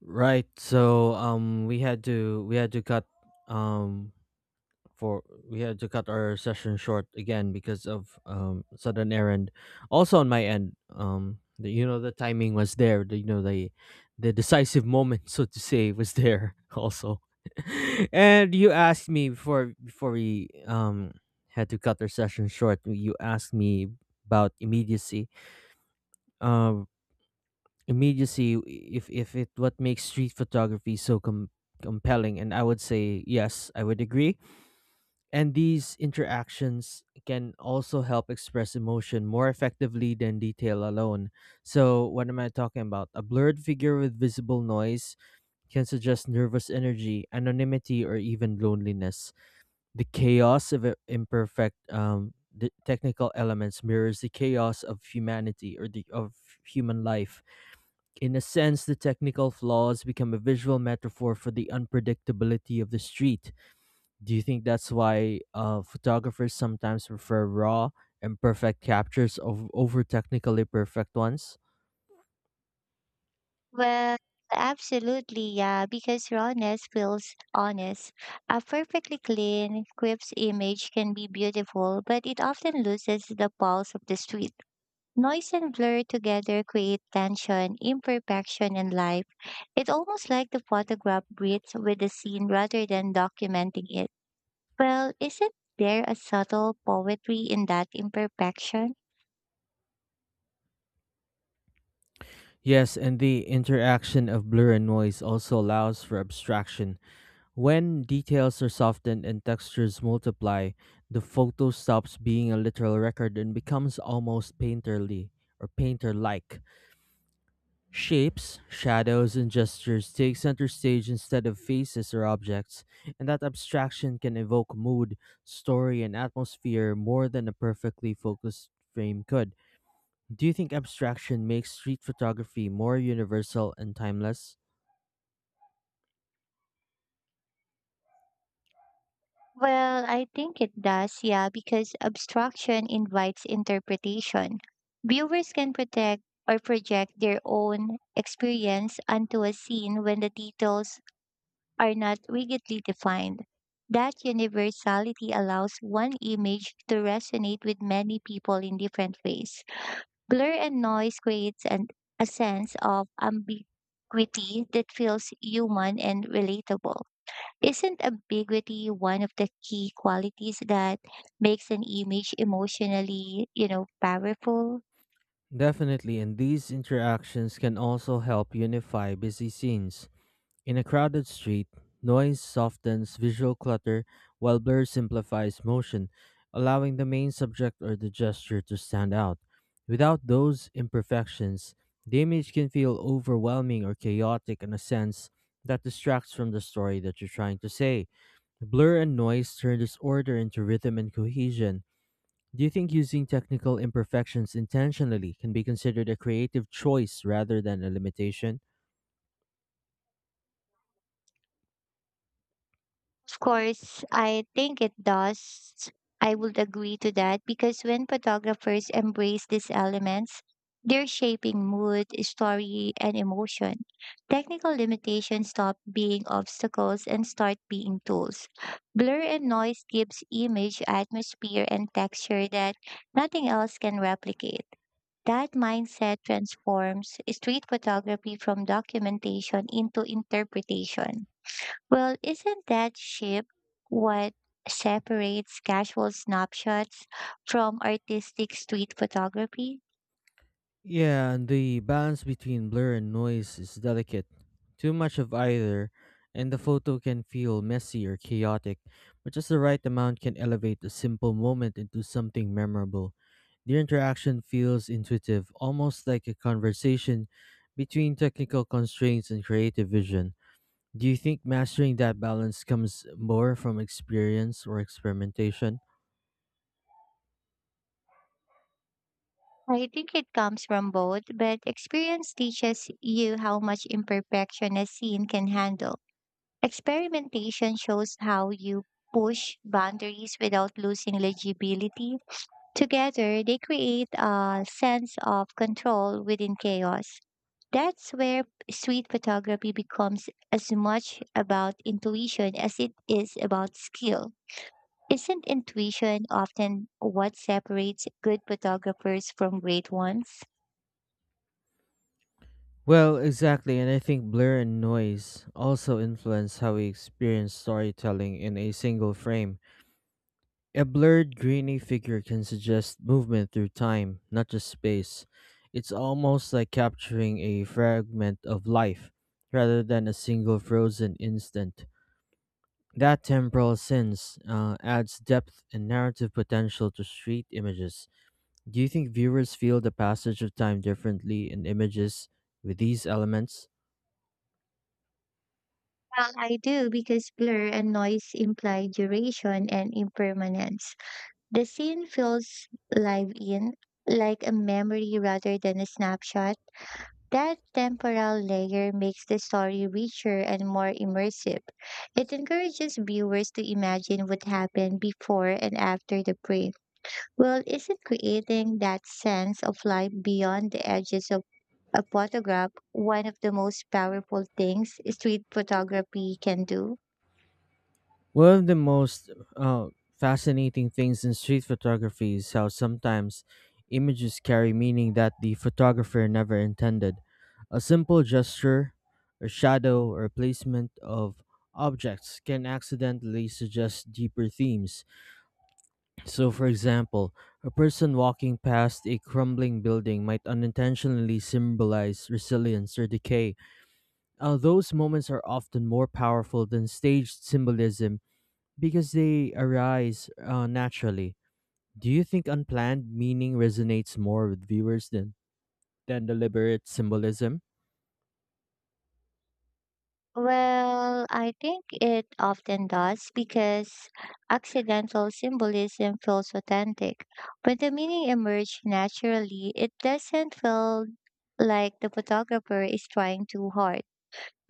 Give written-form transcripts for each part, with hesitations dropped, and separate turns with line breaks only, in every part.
Right. So we had to cut um for we had to cut our session short again because of sudden errand. Also on my end, the, the timing was there, the, the decisive moment so to say was there also. And you asked me before we had to cut our session short, you asked me about immediacy. Uh, immediacy, if it, what makes street photography so compelling? And I would say yes, I would agree. And these interactions can also help express emotion more effectively than detail alone. So what am I talking about? A blurred figure with visible noise can suggest nervous energy, anonymity, or even loneliness. The chaos of I- imperfect the technical elements mirrors the chaos of humanity or the of human life. In a sense, the technical flaws become a visual metaphor for the unpredictability of the street. Do you think that's why photographers sometimes prefer raw, imperfect captures of, over technically perfect ones?
Well, absolutely, yeah, because rawness feels honest. A perfectly clean, crisp image can be beautiful, but it often loses the pulse of the street. Noise and blur together create tension, imperfection, and life. It's almost like the photograph breathes with the scene rather than documenting it. Well, isn't there a subtle poetry in that imperfection?
Yes, and the interaction of blur and noise also allows for abstraction. When details are softened and textures multiply, the photo stops being a literal record and becomes almost painterly or painter like. Shapes, shadows, and gestures take center stage instead of faces or objects, and that abstraction can evoke mood, story, and atmosphere more than a perfectly focused frame could. Do you think abstraction makes street photography more universal and timeless?
Well, I think it does, yeah, because abstraction invites interpretation. Viewers can protect or project their own experience onto a scene when the details are not rigidly defined. That universality allows one image to resonate with many people in different ways. Blur and noise creates a sense of ambiguity that feels human and relatable. Isn't ambiguity one of the key qualities that makes an image emotionally, powerful?
Definitely, and these interactions can also help unify busy scenes. In a crowded street, noise softens visual clutter while blur simplifies motion, allowing the main subject or the gesture to stand out. Without those imperfections, the image can feel overwhelming or chaotic in a sense that distracts from the story that you're trying to say. Blur and noise turn disorder into rhythm and cohesion. Do you think using technical imperfections intentionally can be considered a creative choice rather than a limitation?
Of course, I think it does. I would agree to that because when photographers embrace these elements, they're shaping mood, story, and emotion. Technical limitations stop being obstacles and start being tools. Blur and noise gives image atmosphere and texture that nothing else can replicate. That mindset transforms street photography from documentation into interpretation. Well, isn't that shift what separates casual snapshots from artistic street photography?
Yeah, and the balance between blur and noise is delicate. Too much of either, and the photo can feel messy or chaotic, but just the right amount can elevate a simple moment into something memorable. The interaction feels intuitive, almost like a conversation between technical constraints and creative vision. Do you think mastering that balance comes more from experience or experimentation?
I think it comes from both, but experience teaches you how much imperfection a scene can handle. Experimentation shows how you push boundaries without losing legibility. Together, they create a sense of control within chaos. That's where street photography becomes as much about intuition as it is about skill. Isn't intuition often what separates good photographers from great ones?
Well, exactly, and I think blur and noise also influence how we experience storytelling in a single frame. A blurred, grainy figure can suggest movement through time, not just space. It's almost like capturing a fragment of life rather than a single frozen instant. That temporal sense adds depth and narrative potential to street images. Do you think viewers feel the passage of time differently in images with these elements?
Well, I do because blur and noise imply duration and impermanence. The scene feels live in, like a memory rather than a snapshot. That temporal layer makes the story richer and more immersive. It encourages viewers to imagine what happened before and after the break. Well, isn't creating that sense of life beyond the edges of a photograph one of the most powerful things street photography can do?
One of the most uh, fascinating things in street photography is how sometimes images carry meaning that the photographer never intended. A simple gesture, a shadow, or placement of objects can accidentally suggest deeper themes. So, for example, a person walking past a crumbling building might unintentionally symbolize resilience or decay. Those moments are often more powerful than staged symbolism because they arise naturally. Do you think unplanned meaning resonates more with viewers than deliberate symbolism?
Well, I think it often does because accidental symbolism feels authentic. When the meaning emerges naturally, it doesn't feel like the photographer is trying too hard.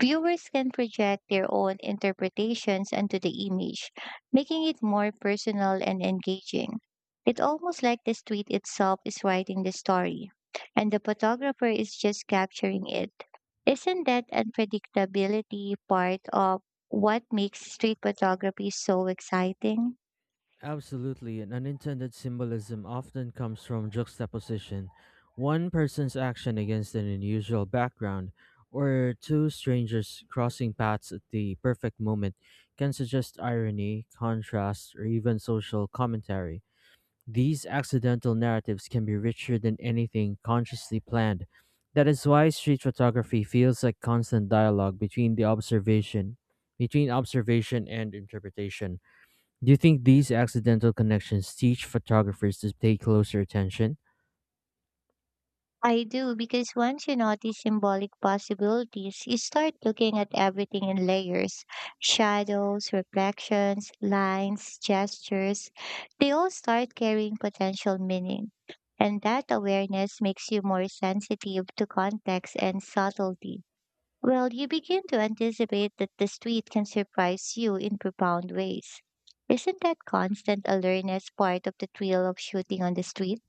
Viewers can project their own interpretations onto the image, making it more personal and engaging. It's almost like the street itself is writing the story, and the photographer is just capturing it. Isn't that unpredictability part of what makes street photography so exciting?
Absolutely, and unintended symbolism often comes from juxtaposition. One person's action against an unusual background, or two strangers crossing paths at the perfect moment, can suggest irony, contrast, or even social commentary. These accidental narratives can be richer than anything consciously planned. That is why street photography feels like constant dialogue between observation and interpretation. Do you think these accidental connections teach photographers to pay closer attention?
I do because once you notice symbolic possibilities, you start looking at everything in layers: shadows, reflections, lines, gestures. They all start carrying potential meaning. And that awareness makes you more sensitive to context and subtlety. Well, you begin to anticipate that the street can surprise you in profound ways. Isn't that constant alertness part of the thrill of shooting on the street?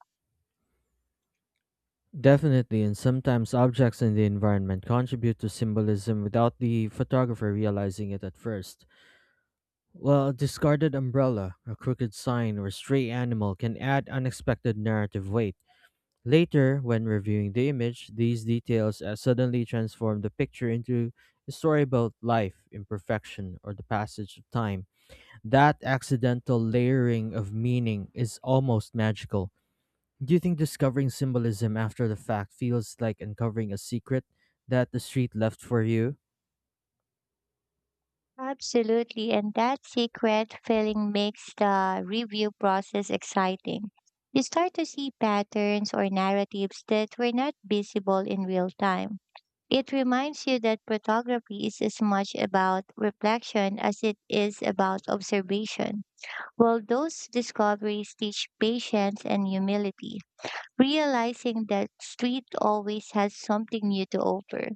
Definitely, and sometimes objects in the environment contribute to symbolism without the photographer realizing it at first. Well, a discarded umbrella, a crooked sign, or a stray animal can add unexpected narrative weight. Later, when reviewing the image, these details suddenly transform the picture into a story about life, imperfection, or the passage of time. That accidental layering of meaning is almost magical. Do you think discovering symbolism after the fact feels like uncovering a secret that the street left for you?
Absolutely, and that secret feeling makes the review process exciting. You start to see patterns or narratives that were not visible in real time. It reminds you that photography is as much about reflection as it is about observation. Well, those discoveries teach patience and humility, realizing that street always has something new to offer.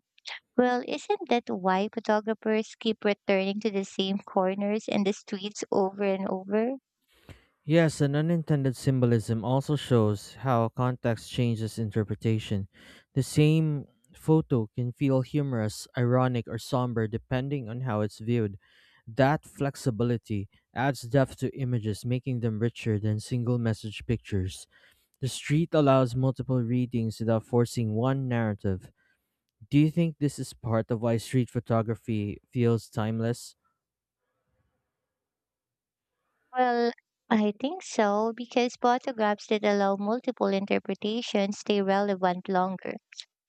Well, isn't that why photographers keep returning to the same corners and the streets over and over?
Yes, an unintended symbolism also shows how context changes interpretation. The same photo can feel humorous, ironic, or somber depending on how it's viewed. That flexibility adds depth to images, making them richer than single message pictures. The street allows multiple readings without forcing one narrative. Do you think this is part of why street photography feels timeless?
Well, I think so, because photographs that allow multiple interpretations stay relevant longer.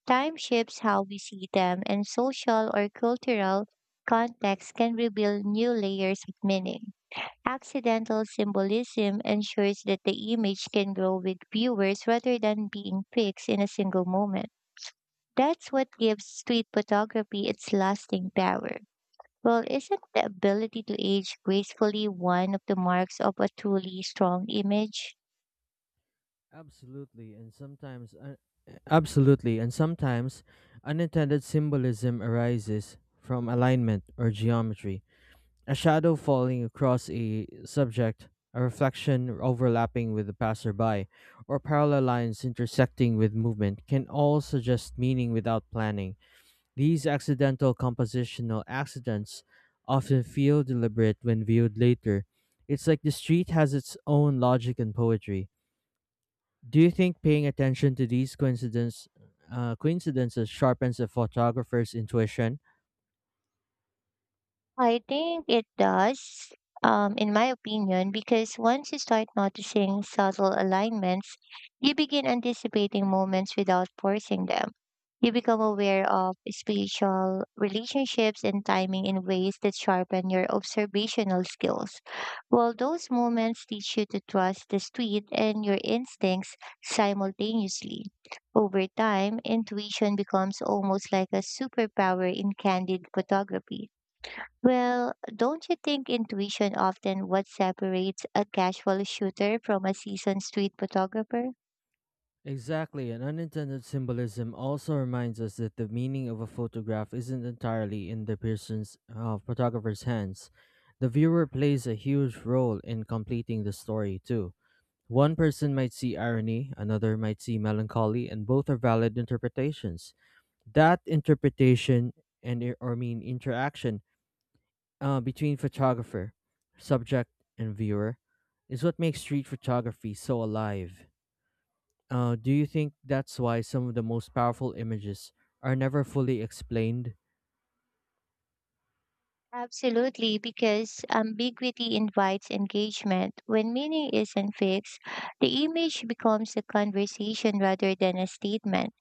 Time shifts how we see them, and social or cultural context can reveal new layers of meaning. Accidental symbolism ensures that the image can grow with viewers rather than being fixed in a single moment. That's what gives street photography its lasting power. Well, isn't the ability to age gracefully one of the marks of a truly strong image?
Absolutely, and sometimes un- Absolutely, and sometimes unintended symbolism arises from alignment or geometry. A shadow falling across a subject, a reflection overlapping with the passerby, or parallel lines intersecting with movement can all suggest meaning without planning. These accidental compositional accidents often feel deliberate when viewed later. It's like the street has its own logic and poetry. Do you think paying attention to these coincidences sharpens a photographer's intuition?
I think it does, in my opinion, because once you start noticing subtle alignments, you begin anticipating moments without forcing them. You become aware of spiritual relationships and timing in ways that sharpen your observational skills. While those moments teach you to trust the street and your instincts simultaneously. Over time, intuition becomes almost like a superpower in candid photography. Well, don't you think intuition often what separates a casual shooter from a seasoned street photographer?
Exactly, and unintended symbolism also reminds us that the meaning of a photograph isn't entirely in the person's photographer's hands. The viewer plays a huge role in completing the story too. One person might see irony, another might see melancholy, and both are valid interpretations. That interpretation and I- or mean interaction between photographer, subject, and viewer is what makes street photography so alive. Do you think that's why some of the most powerful images are never fully explained?
Absolutely, because ambiguity invites engagement. When meaning isn't fixed, the image becomes a conversation rather than a statement.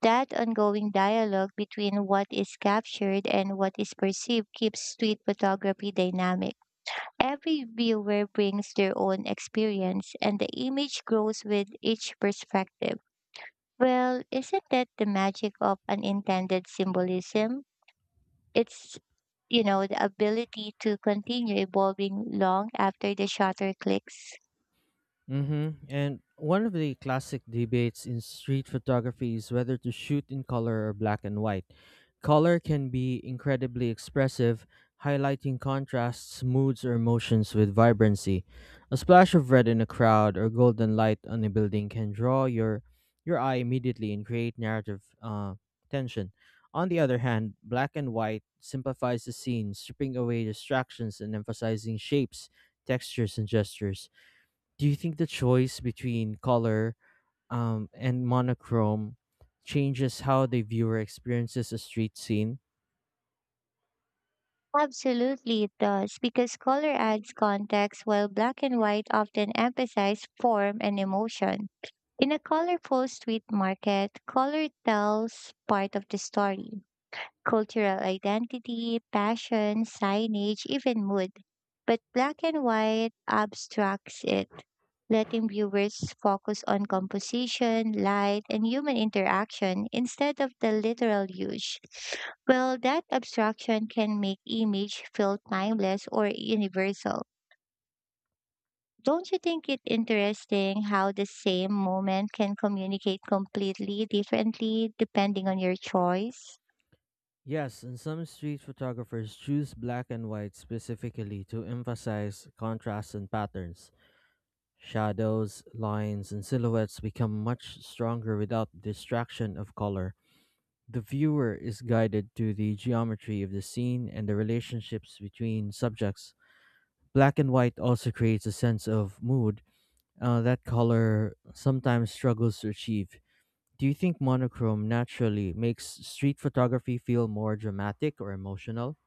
That ongoing dialogue between what is captured and what is perceived keeps street photography dynamic. Every viewer brings their own experience, and the image grows with each perspective. Well, isn't that the magic of unintended symbolism? It's, the ability to continue evolving long after the shutter clicks.
Mm-hmm. And one of the classic debates in street photography is whether to shoot in color or black and white. Color can be incredibly expressive, highlighting contrasts, moods, or emotions with vibrancy. A splash of red in a crowd or golden light on a building can draw your eye immediately and create narrative tension. On the other hand, black and white simplifies the scene, stripping away distractions and emphasizing shapes, textures, and gestures. Do you think the choice between color and monochrome changes how the viewer experiences a street scene?
Absolutely, it does, because color adds context while black and white often emphasize form and emotion. In a colorful street market, color tells part of the story: cultural identity, passion, signage, even mood. But black and white abstracts it, letting viewers focus on composition, light, and human interaction instead of the literal use. Well, that abstraction can make image feel timeless or universal. Don't you think it interesting how the same moment can communicate completely differently depending on your choice?
Yes, and some street photographers choose black and white specifically to emphasize contrast and patterns. Shadows, lines, and silhouettes become much stronger without the distraction of color. The viewer is guided to the geometry of the scene and the relationships between subjects. Black and white also creates a sense of mood that color sometimes struggles to achieve. Do you think monochrome naturally makes street photography feel more dramatic or emotional?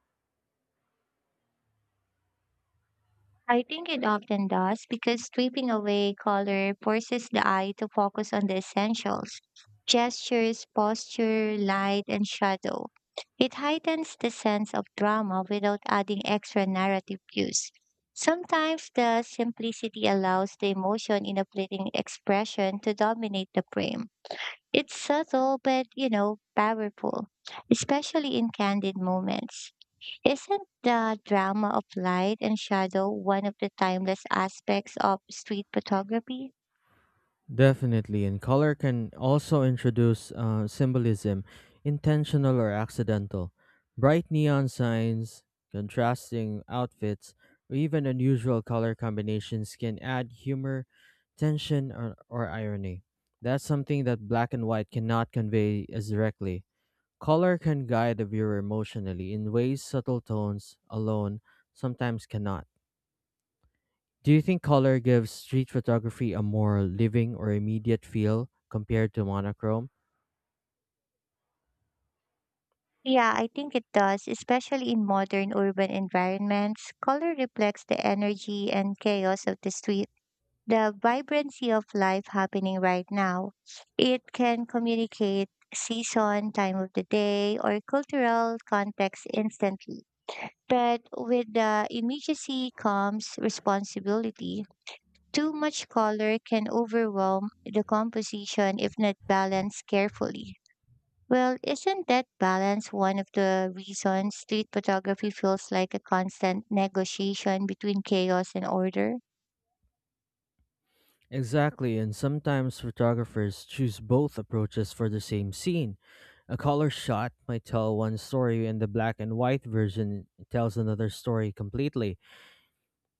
I think it often does because stripping away color forces the eye to focus on the essentials: gestures, posture, light, and shadow. It heightens the sense of drama without adding extra narrative cues. Sometimes the simplicity allows the emotion in a fleeting expression to dominate the frame. It's subtle but, powerful, especially in candid moments. Isn't the drama of light and shadow one of the timeless aspects of street photography?
Definitely, and color can also introduce symbolism, intentional or accidental. Bright neon signs, contrasting outfits, or even unusual color combinations can add humor, tension, or irony. That's something that black and white cannot convey as directly. Color can guide the viewer emotionally in ways subtle tones alone sometimes cannot. Do you think color gives street photography a more living or immediate feel compared to monochrome?
Yeah, I think it does, especially in modern urban environments. Color reflects the energy and chaos of the street, the vibrancy of life happening right now. It can communicate season, time of the day, or cultural context instantly. But with the immediacy comes responsibility. Too much color can overwhelm the composition if not balanced carefully. Well, isn't that balance one of the reasons street photography feels like a constant negotiation between chaos and order?
Exactly, and sometimes photographers choose both approaches for the same scene. A color shot might tell one story, and the black and white version tells another story completely.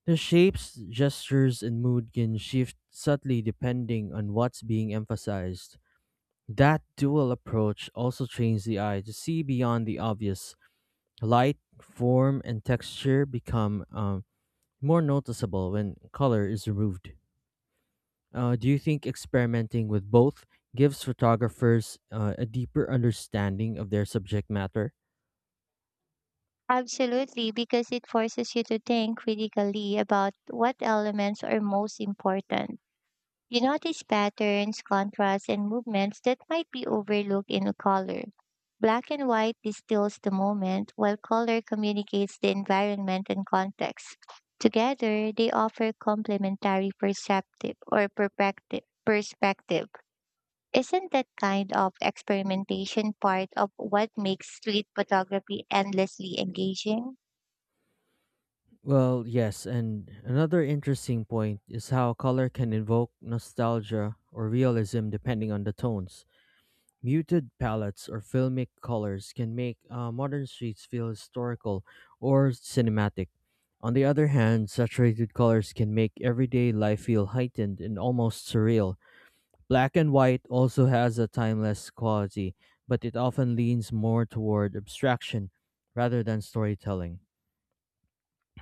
The shapes, gestures, and mood can shift subtly depending on what's being emphasized. That dual approach also trains the eye to see beyond the obvious. Light, form, and texture become more noticeable when color is removed. Do you think experimenting with both gives photographers a deeper understanding of their subject matter?
Absolutely, because it forces you to think critically about what elements are most important. You notice patterns, contrasts, and movements that might be overlooked in a color. Black and white distills the moment, while color communicates the environment and context. Together, they offer complementary perceptive or perspective. Isn't that kind of experimentation part of what makes street photography endlessly engaging?
Well, yes, and another interesting point is how color can invoke nostalgia or realism depending on the tones. Muted palettes or filmic colors can make modern streets feel historical or cinematic. On the other hand, saturated colors can make everyday life feel heightened and almost surreal. Black and white also has a timeless quality, but it often leans more toward abstraction rather than storytelling.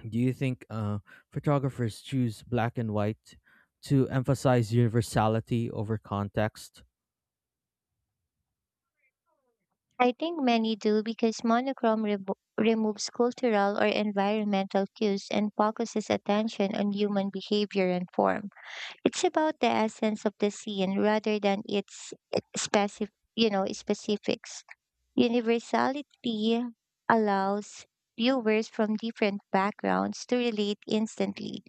Do you think photographers choose black and white to emphasize universality over context?
I think many do because monochrome revo removes cultural or environmental cues and focuses attention on human behavior and form. It's about the essence of the scene rather than its specific, specifics. Universality allows viewers from different backgrounds to relate instantly.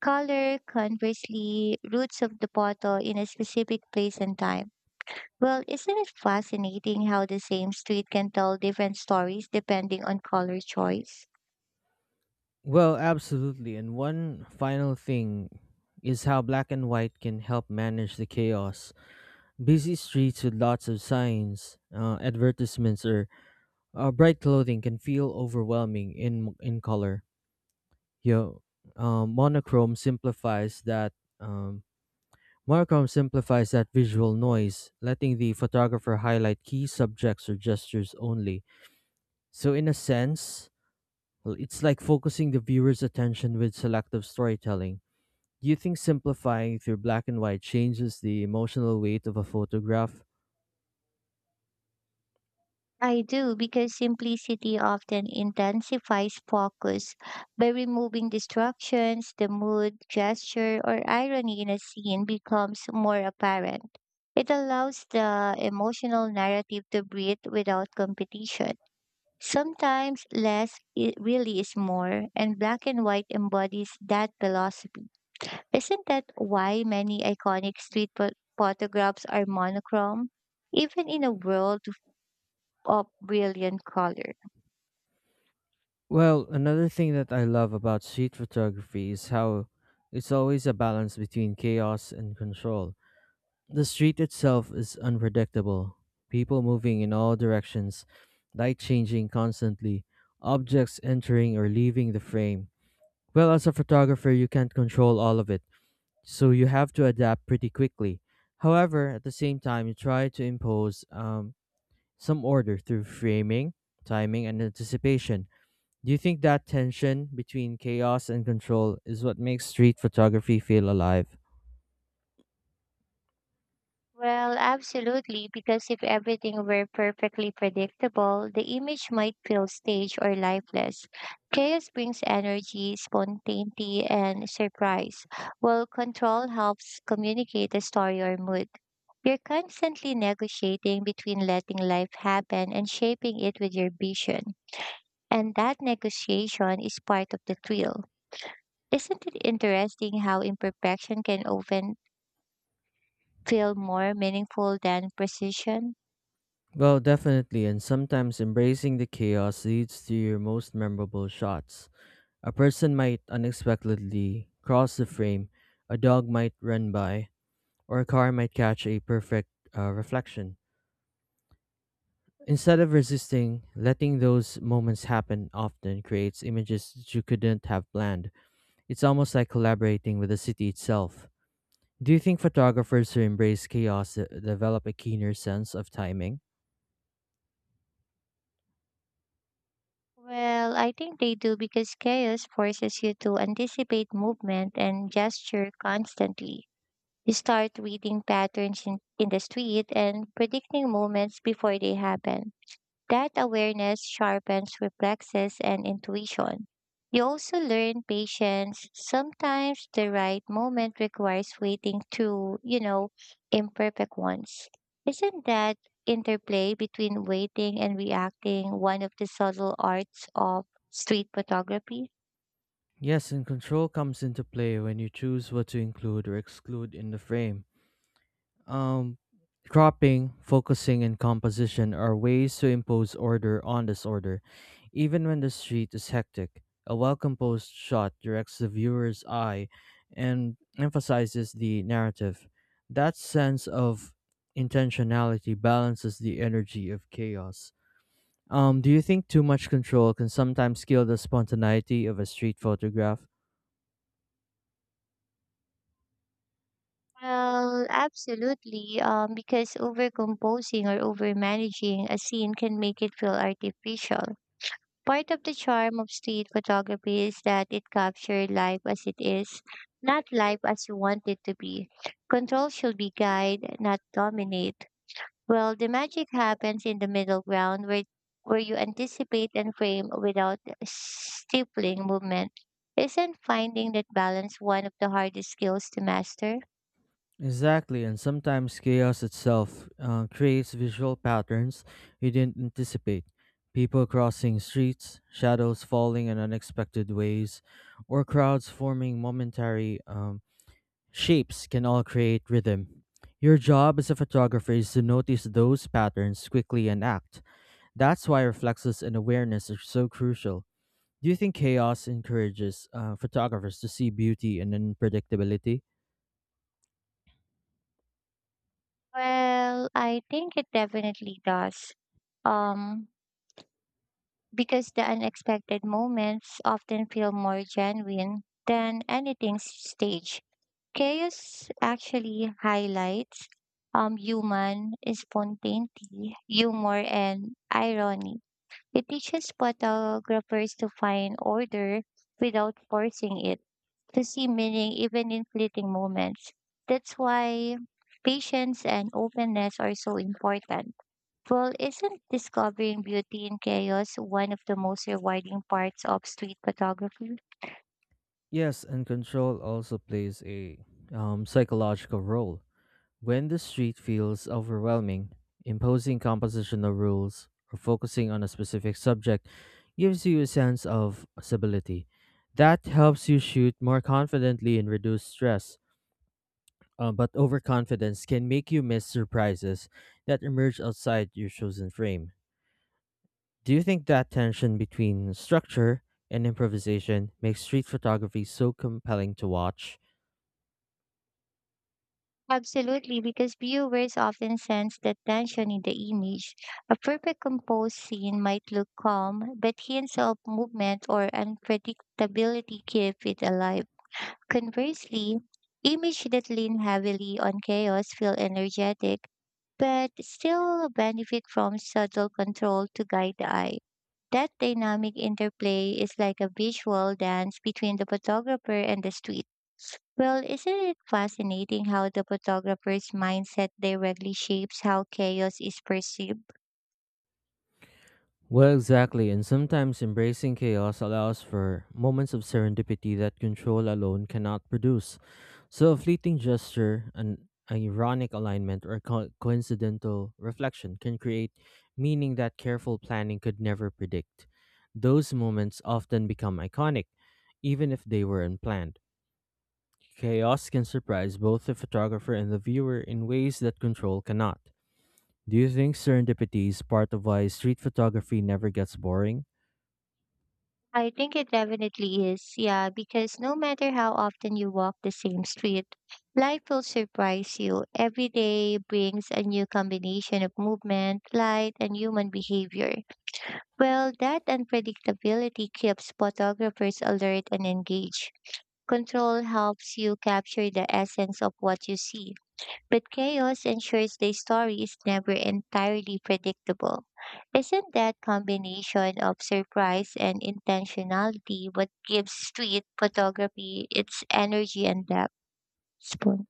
Color, conversely, roots of the bottle in a specific place and time. Well, isn't it fascinating how the same street can tell different stories depending on color choice?
Well, absolutely. And one final thing is how black and white can help manage the chaos. Busy streets with lots of signs, advertisements, or bright clothing can feel overwhelming in color. You know, um, monochrome simplifies that. Um, Monochrome simplifies that visual noise, letting the photographer highlight key subjects or gestures only. So, in a sense, well, it's like focusing the viewer's attention with selective storytelling. Do you think simplifying through black and white changes the emotional weight of a photograph?
I do, because simplicity often intensifies focus by removing distractions, the mood, gesture, or irony in a scene becomes more apparent. It allows the emotional narrative to breathe without competition. Sometimes really is more, and black and white embodies that philosophy. Isn't that why many iconic photographs are monochrome, even in a world of brilliant color?
Well, another thing that I love about street photography is how it's always a balance between chaos and control. The street itself is unpredictable, people moving in all directions, light changing constantly, objects entering or leaving the frame. Well, as a photographer, you can't control all of it, so you have to adapt pretty quickly. However, at the same time, you try to impose some order through framing, timing, and anticipation. Do you think that tension between chaos and control is what makes street photography feel alive?
Well, absolutely, because if everything were perfectly predictable, the image might feel staged or lifeless. Chaos brings energy, spontaneity, and surprise, while control helps communicate a story or mood. You're constantly negotiating between letting life happen and shaping it with your vision. And that negotiation is part of the thrill. Isn't it interesting how imperfection can often feel more meaningful than precision?
Well, definitely, and sometimes embracing the chaos leads to your most memorable shots. A person might unexpectedly cross the frame, a dog might run by, or a car might catch a perfect reflection. Instead of resisting, letting those moments happen often creates images that you couldn't have planned. It's almost like collaborating with the city itself. Do you think photographers who embrace chaos develop a keener sense of timing?
Well, I think they do because chaos forces you to anticipate movement and gesture constantly. You start reading patterns in the street and predicting moments before they happen. That awareness sharpens reflexes and intuition. You also learn patience. Sometimes the right moment requires waiting through, imperfect ones. Isn't that interplay between waiting and reacting one of the subtle arts of street photography?
Yes, and control comes into play when you choose what to include or exclude in the frame. Um, Cropping, focusing, and composition are ways to impose order on disorder. Even when the street is hectic, a well composed shot directs the viewer's eye and emphasizes the narrative. That sense of intentionality balances the energy of chaos. Do you think too much control can sometimes kill the spontaneity of a street photograph?
Well, absolutely. Because overcomposing or overmanaging a scene can make it feel artificial. Part of the charm of street photography is that it captures life as it is, not life as you want it to be. Control should be guide, not dominate. Well, the magic happens in the middle ground where you anticipate and frame without stifling movement. Isn't finding that balance one of the hardest skills to master?
Exactly, and sometimes chaos itself creates visual patterns you didn't anticipate. People crossing streets, shadows falling in unexpected ways, or crowds forming momentary shapes can all create rhythm. Your job as a photographer is to notice those patterns quickly and act. That's why reflexes and awareness are so crucial. Do you think chaos encourages photographers to see beauty and unpredictability?
Well, I think it definitely does. Um, because the unexpected moments often feel more genuine than anything staged. Chaos actually highlights human spontaneity, humor, and irony. It teaches photographers to find order without forcing it, to see meaning even in fleeting moments. That's why patience and openness are so important. Well, isn't discovering beauty in chaos one of the most rewarding parts of street photography?
Yes, and control also plays a psychological role. When the street feels overwhelming, imposing compositional rules or focusing on a specific subject gives you a sense of stability. That helps you shoot more confidently and reduce stress. But overconfidence can make you miss surprises that emerge outside your chosen frame. Do you think that tension between structure and improvisation makes street photography so compelling to watch?
Absolutely, because viewers often sense the tension in the image. A perfect composed scene might look calm, but hints of movement or unpredictability keep it alive. Conversely, images that lean heavily on chaos feel energetic, but still benefit from subtle control to guide the eye. That dynamic interplay is like a visual dance between the photographer and the street. Well, isn't it fascinating how the photographer's mindset directly shapes how chaos is perceived?
Well, exactly, and sometimes embracing chaos allows for moments of serendipity that control alone cannot produce. So, a fleeting gesture, an ironic alignment, or coincidental reflection can create meaning that careful planning could never predict. Those moments often become iconic, even if they were unplanned. Chaos can surprise both the photographer and the viewer in ways that control cannot. Do you think serendipity is part of why street photography never gets boring?
I think it definitely is, yeah, because no matter how often you walk the same street, life will surprise you. Every day brings a new combination of movement, light, and human behavior. Well, that unpredictability keeps photographers alert and engaged. Control helps you capture the essence of what you see, but chaos ensures the story is never entirely predictable. Isn't that combination of surprise and intentionality what gives street photography its energy and depth? Spoon?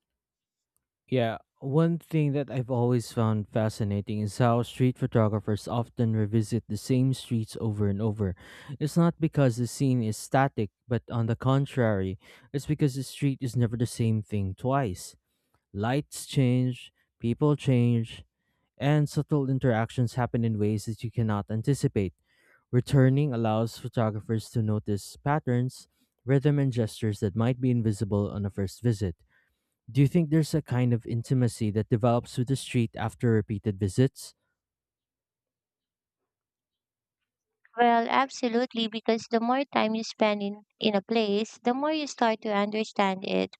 Yeah, one thing that I've always found fascinating is how street photographers often revisit the same streets over and over. It's not because the scene is static, but on the contrary, it's because the street is never the same thing twice. Lights change, people change, and subtle interactions happen in ways that you cannot anticipate. Returning allows photographers to notice patterns, rhythm, and gestures that might be invisible on a first visit. Do you think there's a kind of intimacy that develops with the street after repeated visits?
Well, absolutely, because the more time you spend in a place, the more you start to understand it.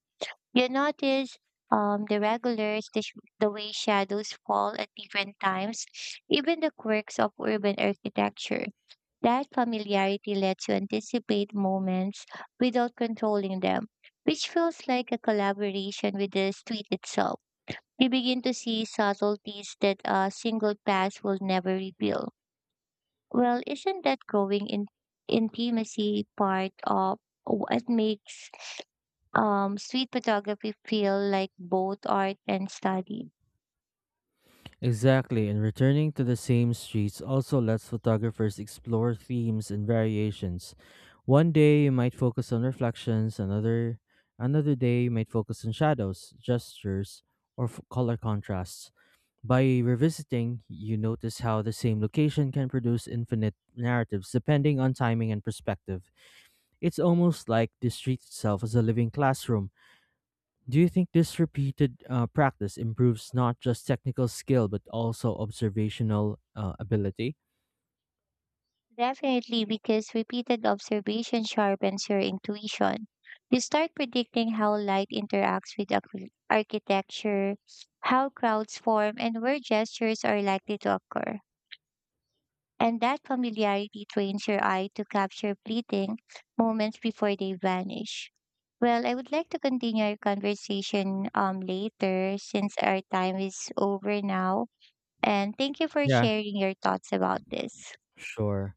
You notice the regulars, the way shadows fall at different times, even the quirks of urban architecture. That familiarity lets you anticipate moments without controlling them, which feels like a collaboration with the street itself. You begin to see subtleties that a single pass will never reveal. Well, isn't that growing in intimacy part of what makes street photography feel like both art and study?
Exactly, and returning to the same streets also lets photographers explore themes and variations. One day you might focus on reflections, another day you might focus on shadows, gestures, or color contrasts. By revisiting, you notice how the same location can produce infinite narratives depending on timing and perspective. It's almost like the street itself is a living classroom. Do you think this repeated practice improves not just technical skill but also observational ability?
Definitely, because repeated observation sharpens your intuition. You start predicting how light interacts with architecture, how crowds form, and where gestures are likely to occur. And that familiarity trains your eye to capture fleeting moments before they vanish. Well, I would like to continue our conversation later since our time is over now. And thank you for
Yeah,
sharing your thoughts about this.
sure.